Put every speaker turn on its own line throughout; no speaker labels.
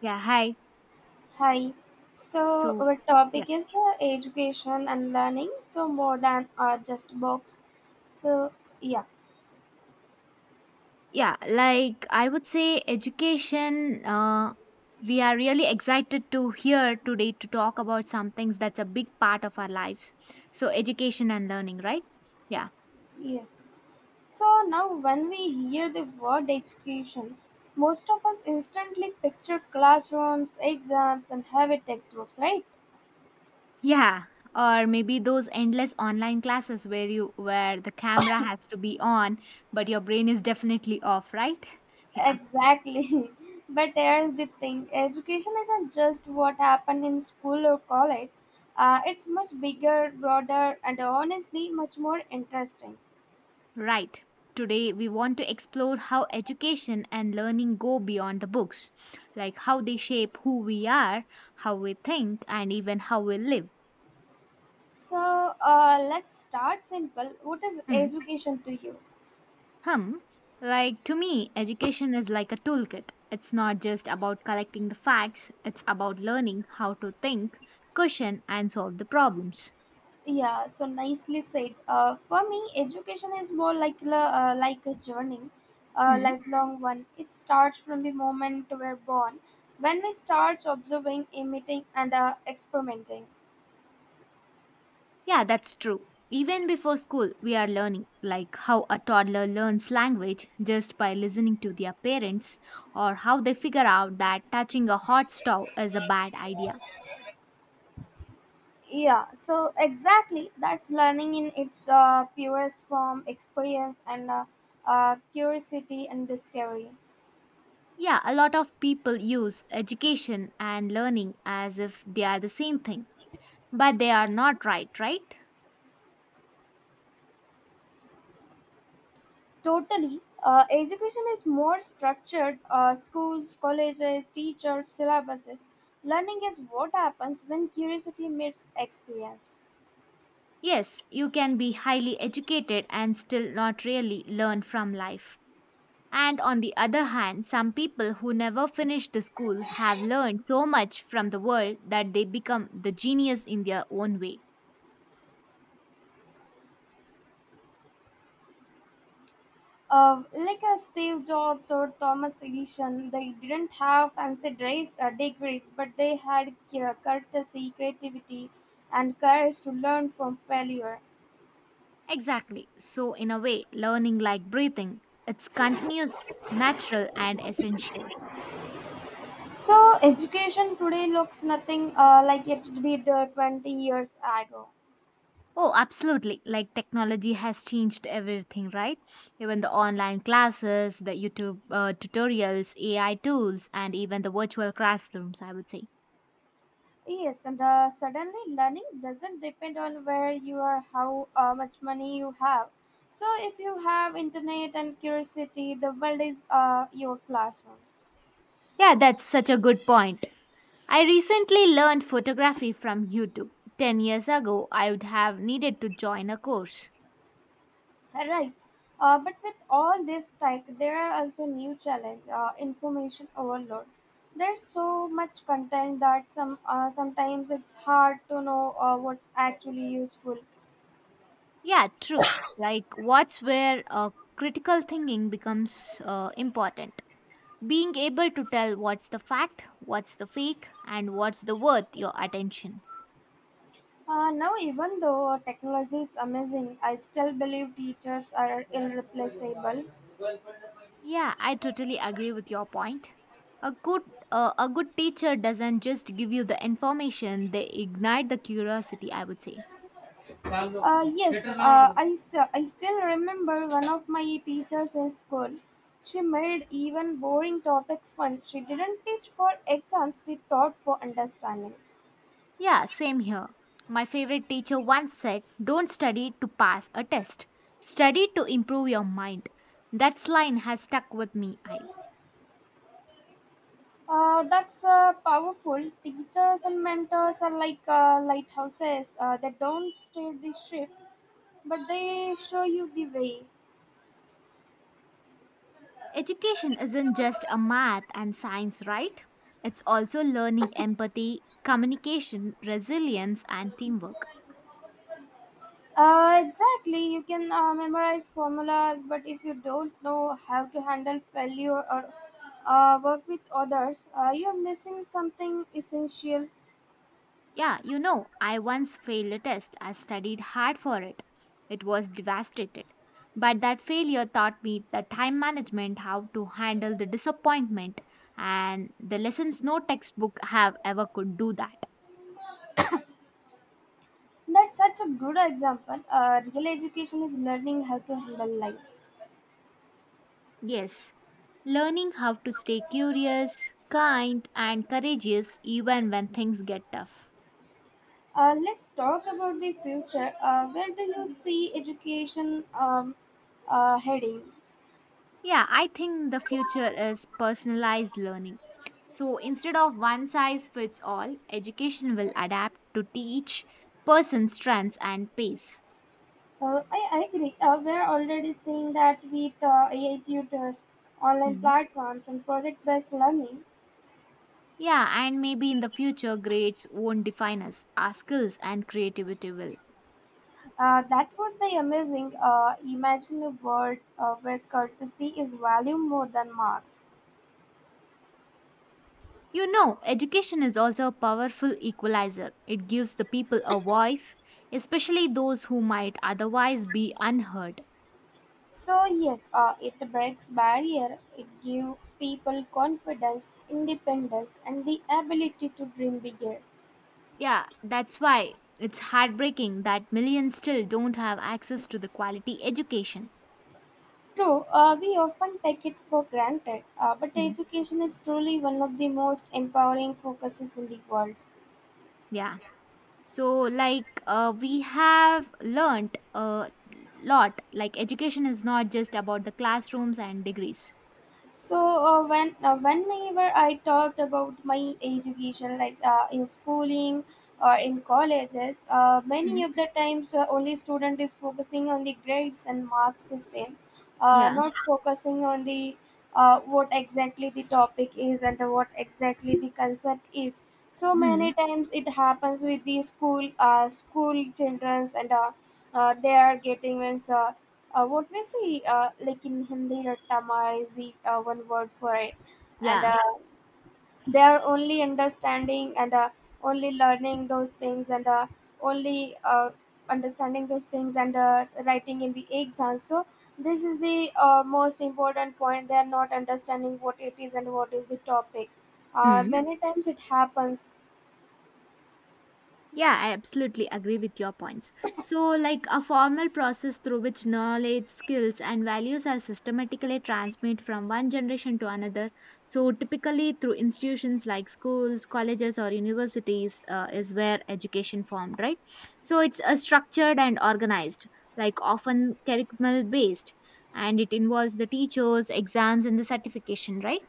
Yeah, hi.
Hi. So
So,
our
yeah,
topic is education and learning. So more than just books. So yeah,
yeah, like I would say education, we are really excited to hear today to talk about some things that's a big part of our lives. So, education and learning, right? Yeah.
yes. So now when we hear the word education, most of us instantly picture classrooms, exams, and heavy textbooks, right?
Yeah. Or maybe those endless online classes where you where the camera has to be on, but your brain is definitely off, right? Yeah.
Exactly. But here's the thing education isn't just what happened in school or college, it's much bigger, broader, and honestly much more interesting.
Right. Today, we want to explore how education and learning go beyond the books, like how they shape who we are, how we think, and even how we live.
So let's start simple. What is
Hmm.
education to you?
Hum. Like, to me, education is like a toolkit. It's not just about collecting the facts, it's about learning how to think, question, and solve the problems.
Yeah, so nicely said. For me, education is more like like a journey, a
Hmm.
lifelong one. It starts from the moment we're born, when we start observing, imitating, and experimenting.
Yeah, that's true. Even before school, we are learning, like how a toddler learns language just by listening to their parents, or how they figure out that touching a hot stove is a bad idea.
Yeah, so exactly that's learning in its purest form, experience and curiosity and discovery.
Yeah, a lot of people use education and learning as if they are the same thing, but they are not right, right?
Totally. Education is more structured schools, colleges, teachers, syllabuses. Learning is what happens when curiosity meets experience.
Yes, you can be highly educated and still not really learn from life. And on the other hand, some people who never finished the school have learned so much from the world that they become the genius in their own way.
Like a Steve Jobs or Thomas Edison, they didn't have degrees, but they had courtesy, creativity, and courage to learn from failure.
Exactly. So, in a way, learning like breathing, it's continuous, natural, and essential.
So, education today looks nothing like it did 20 years ago.
Oh, absolutely. Like technology has changed everything, right? Even the online classes, the YouTube tutorials, AI tools, and even the virtual classrooms, I would say.
Yes, and suddenly learning doesn't depend on where you are, how much money you have. So if you have internet and curiosity, the world is your classroom.
Yeah, that's such a good point. I recently learned photography from YouTube. 10 years ago, I would have needed to join a course.
Right. But with all this tech, there are also new challenge, information overload. There's so much content that sometimes it's hard to know what's actually useful.
Yeah, true. Like, what's where critical thinking becomes important. Being able to tell what's the fact, what's the fake, and what's the worth your attention.
Now, even though technology is amazing, I still believe teachers are irreplaceable.
Yeah, I totally agree with your point. A good a good teacher doesn't just give you the information, they ignite the curiosity, I would say.
Yes, I, st- I still remember one of my teachers in school. She made even boring topics fun. She didn't teach for exams, she taught for understanding.
Yeah, same here. My favorite teacher once said, "Don't study to pass a test, study to improve your mind." That line has stuck with me.
That's powerful. Teachers and mentors are like lighthouses. They don't steer the ship, but they show you the way.
Education isn't just a math and science, right? It's also learning empathy, communication, resilience, and teamwork.
Exactly. You can memorize formulas, but if you don't know how to handle failure or work with others, you're missing something essential.
Yeah, you know, I once failed a test. I studied hard for it. It was devastated. But that failure taught me the time management, how to handle the disappointment, and the lessons no textbook have ever could do that.
That's such a good example. Real education is learning how to handle life.
Yes, learning how to stay curious, kind, and courageous even when things get tough.
Let's talk about the future. Where do you see education heading?
Yeah, I think the future is personalized learning. So instead of one size fits all, education will adapt to each person's strengths and pace.
I agree. We're already seeing that with AI tutors, online
Hmm.
platforms, and project based learning.
Yeah, and maybe in the future, grades won't define us, our skills and creativity will.
That would be amazing. Imagine a world where courtesy is valued more than marks.
You know, education is also a powerful equalizer. It gives the people a voice, especially those who might otherwise be unheard.
So yes, it breaks barrier. It gives people confidence, independence, and the ability to dream bigger.
Yeah, that's why it's heartbreaking that millions still don't have access to the quality education.
True, we often take it for granted, but
Mm.
education is truly one of the most empowering focuses in the world.
Yeah. So, like, we have learnt a lot. Like, education is not just about the classrooms and degrees.
So whenever I talked about my education, like in schooling or in colleges, many
Mm.
of the times only student is focusing on the grades and mark system,
Yeah.
not focusing on the what exactly the topic is and what exactly the concept is. So
Hmm.
many times it happens with the school childrens and they are getting means what we say like in hindi rattama is the one word for it and
Yeah.
they are only understanding and only learning those things and only understanding those things and writing in the exam. So this is the most important point they are not understanding what it is and what is the topic.
Mm.
Many times it happens.
Yeah, I absolutely agree with your points. So, like a formal process through which knowledge, skills, and values are systematically transmitted from one generation to another. So, typically through institutions like schools, colleges, or universities is where education formed, right? So, it's structured and organized, like often curriculum based, and it involves the teachers, exams, and the certification, right?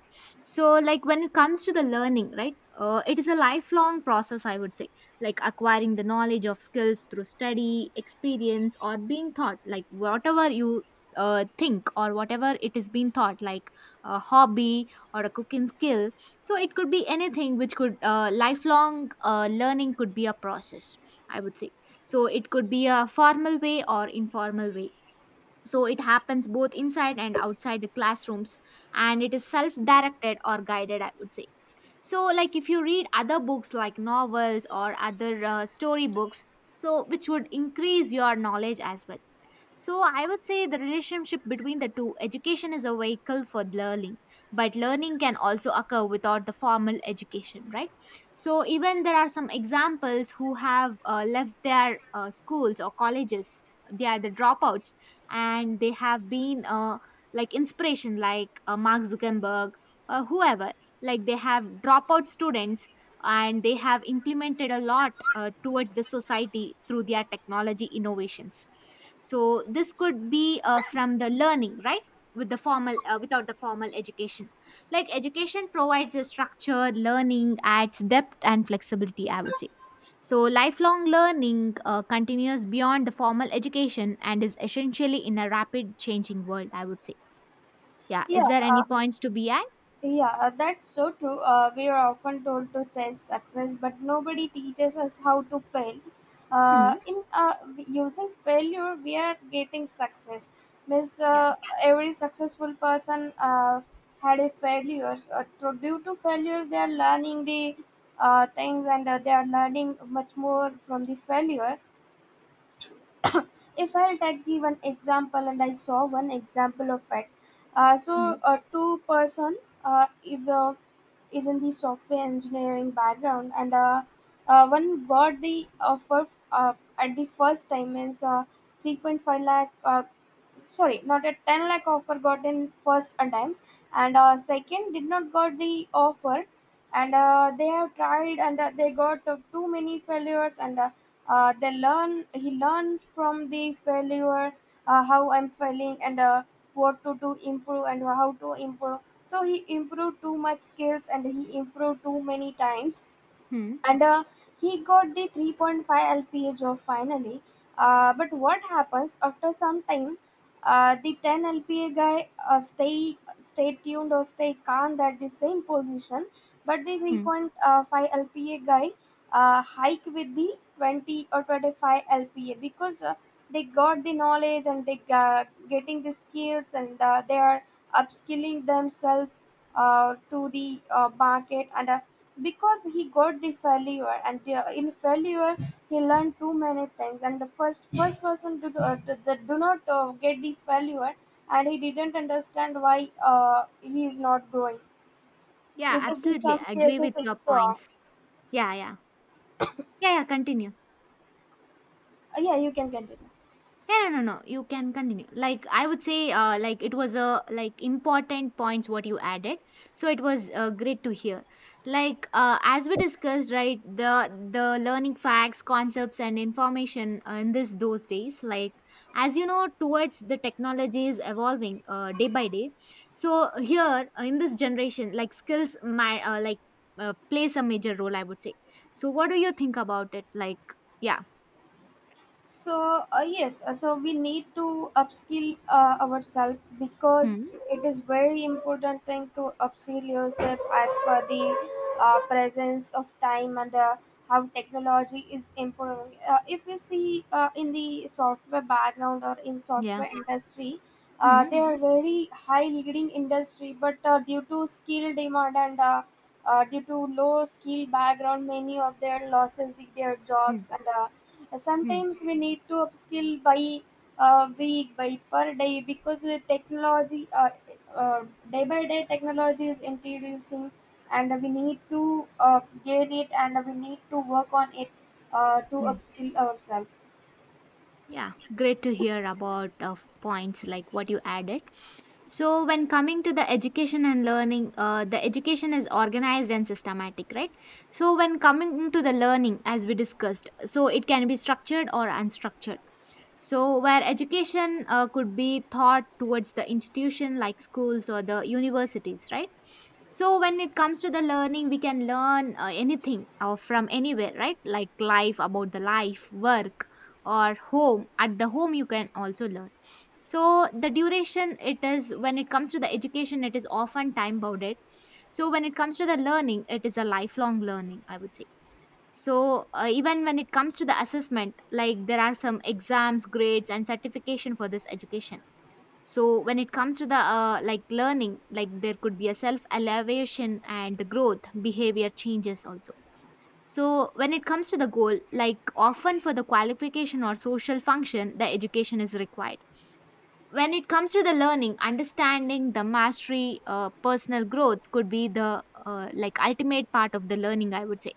So, like when it comes to the learning, right, it is a lifelong process, I would say, like acquiring the knowledge of skills through study, experience, or being taught, like whatever you think or whatever it is being taught, like a hobby or a cooking skill. So it could be anything which could lifelong learning could be a process, I would say. So it could be a formal way or informal way. So it happens both inside and outside the classrooms, and it is self directed or guided, I would say, so like if you read other books like novels or other story books, so which would increase your knowledge as well. So I would say the relationship between the two, education is a vehicle for learning, but learning can also occur without the formal education, right? So even there are some examples who have left their schools or colleges, they are the dropouts, and they have been like inspiration, like Mark Zuckerberg or whoever. Like they have dropout students and they have implemented a lot towards the society through their technology innovations. So this could be from the learning, right, with the formal without the formal education. Like education provides a structure, learning adds depth and flexibility, I would say. So lifelong learning continues beyond the formal education and is essentially in a rapid changing world, I would say. Yeah, is
yeah
there
uh,
any points to be at?
Yeah, that's so true. We are often told to chase success, but nobody teaches us how to fail.
Mm.
In Using failure, we are getting success. Means
Yeah.
Every successful person had a failures. Due to failures, they are learning the things and they are learning much more from the failure. If I'll take the one example, and I saw one example of it. Uh, so, a two person uh, is a is in the software engineering background and one got the offer at the first time is 3.5 lakh sorry, not a 10 lakh offer got in first attempt, and second did not got the offer, and they have tried and they got too many failures, and they learn he learns from the failure how I'm failing and what to do improve and how to improve. So he improved too much skills and he improved too many times
Mm-hmm.
and he got the 3.5 lpa job finally. But what happens after some time? The 10 lpa guy stay tuned or stay calm at the same position, but the 3.5 lpa guy hike with the 20 or 25 lpa because they got the knowledge and they getting the skills and they are upskilling themselves to the market and because he got the failure and in failure he learned too many things, and the first person to do, that do not get the failure and he didn't understand why he is not growing.
Yeah,
Is it in
absolutely,
some
I agree
cases
with your
it's
points. Yeah, yeah. Yeah, yeah, continue.
yeah, you can continue.
Yeah, no, no, no. You can continue. Like I would say, like it was a like important points what you added. So it was great to hear. Like as we discussed, right, the learning facts, concepts, and information in this those days. Like as you know, towards the technology is evolving day by day. So here in this generation, like skills, my like plays a major role, I would say. So what do you think about it? Like yeah,
So yes, so we need to upskill ourselves because
hmm,
it is very important thing to upskill yourself as per the presence of time and how technology is improving. If you see in the software background or in
yeah,
software industry,
hmm,
they are very high leading industry, but due to skill demand and due to low skill background many of their losses their
hmm.
jobs, and
Hmm.
sometimes we need to upskill by week by per day because the technology uh, day by day technology is introducing and we need to gain it and we need to work on it to
Mm.
upskill ourselves.
Yeah, great to hear about points like what you added. So, when coming to the education and learning, the education is organized and systematic, right? So, when coming to the learning, as we discussed, so it can be structured or unstructured. So, where education could be thought towards the institution like schools or the universities, right? So when it comes to the learning, we can learn anything or from anywhere, right? Like life about the life, work, or home. At the home, you can also learn. So the duration it is, when it comes to the education, it is often time bounded. So when it comes to the learning, it is a lifelong learning, I would say. So even when it comes to the assessment, like there are some exams, grades, and certification for this education. So when it comes to the like learning, like there could be a self elevation and the growth behavior changes also. So when it comes to the goal, like often for the qualification or social function the education is required. When it comes to the learning, understanding the mastery, personal growth could be the like ultimate part of the learning, I would say.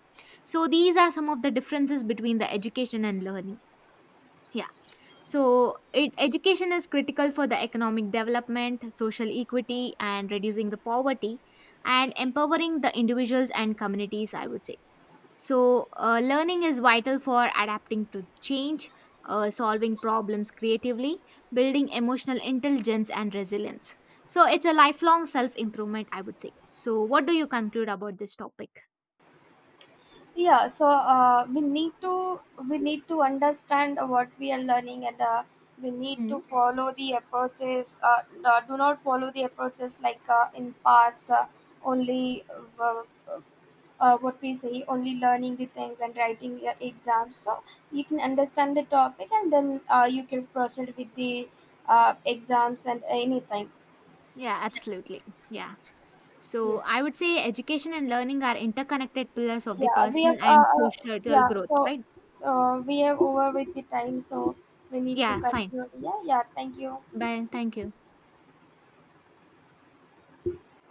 So these are some of the differences between the education and learning. Yeah. So, it, education is critical for the economic development, social equity, and reducing the poverty and empowering the individuals and communities, I would say. So, learning is vital for adapting to change, solving problems creatively, building emotional intelligence and resilience. So, it's a lifelong self improvement, I would say. So, what do you conclude about this topic?
Yeah, so we need to understand what we are learning and we need to
Hmm.
follow the approaches do not follow the approaches like in past only uh, what we say only learning the things and writing your exams, so you can understand the topic and then you can proceed with the exams and anything.
Yeah, absolutely. Yeah. So
Yes.
I would say education and learning are interconnected pillars of the
yeah we have
personal
uh,
and
uh,
social
yeah
growth,
so
right?
we have over with the time, so we need to
Yeah, fine.
continue. Yeah, yeah, thank you.
Bye. Thank you.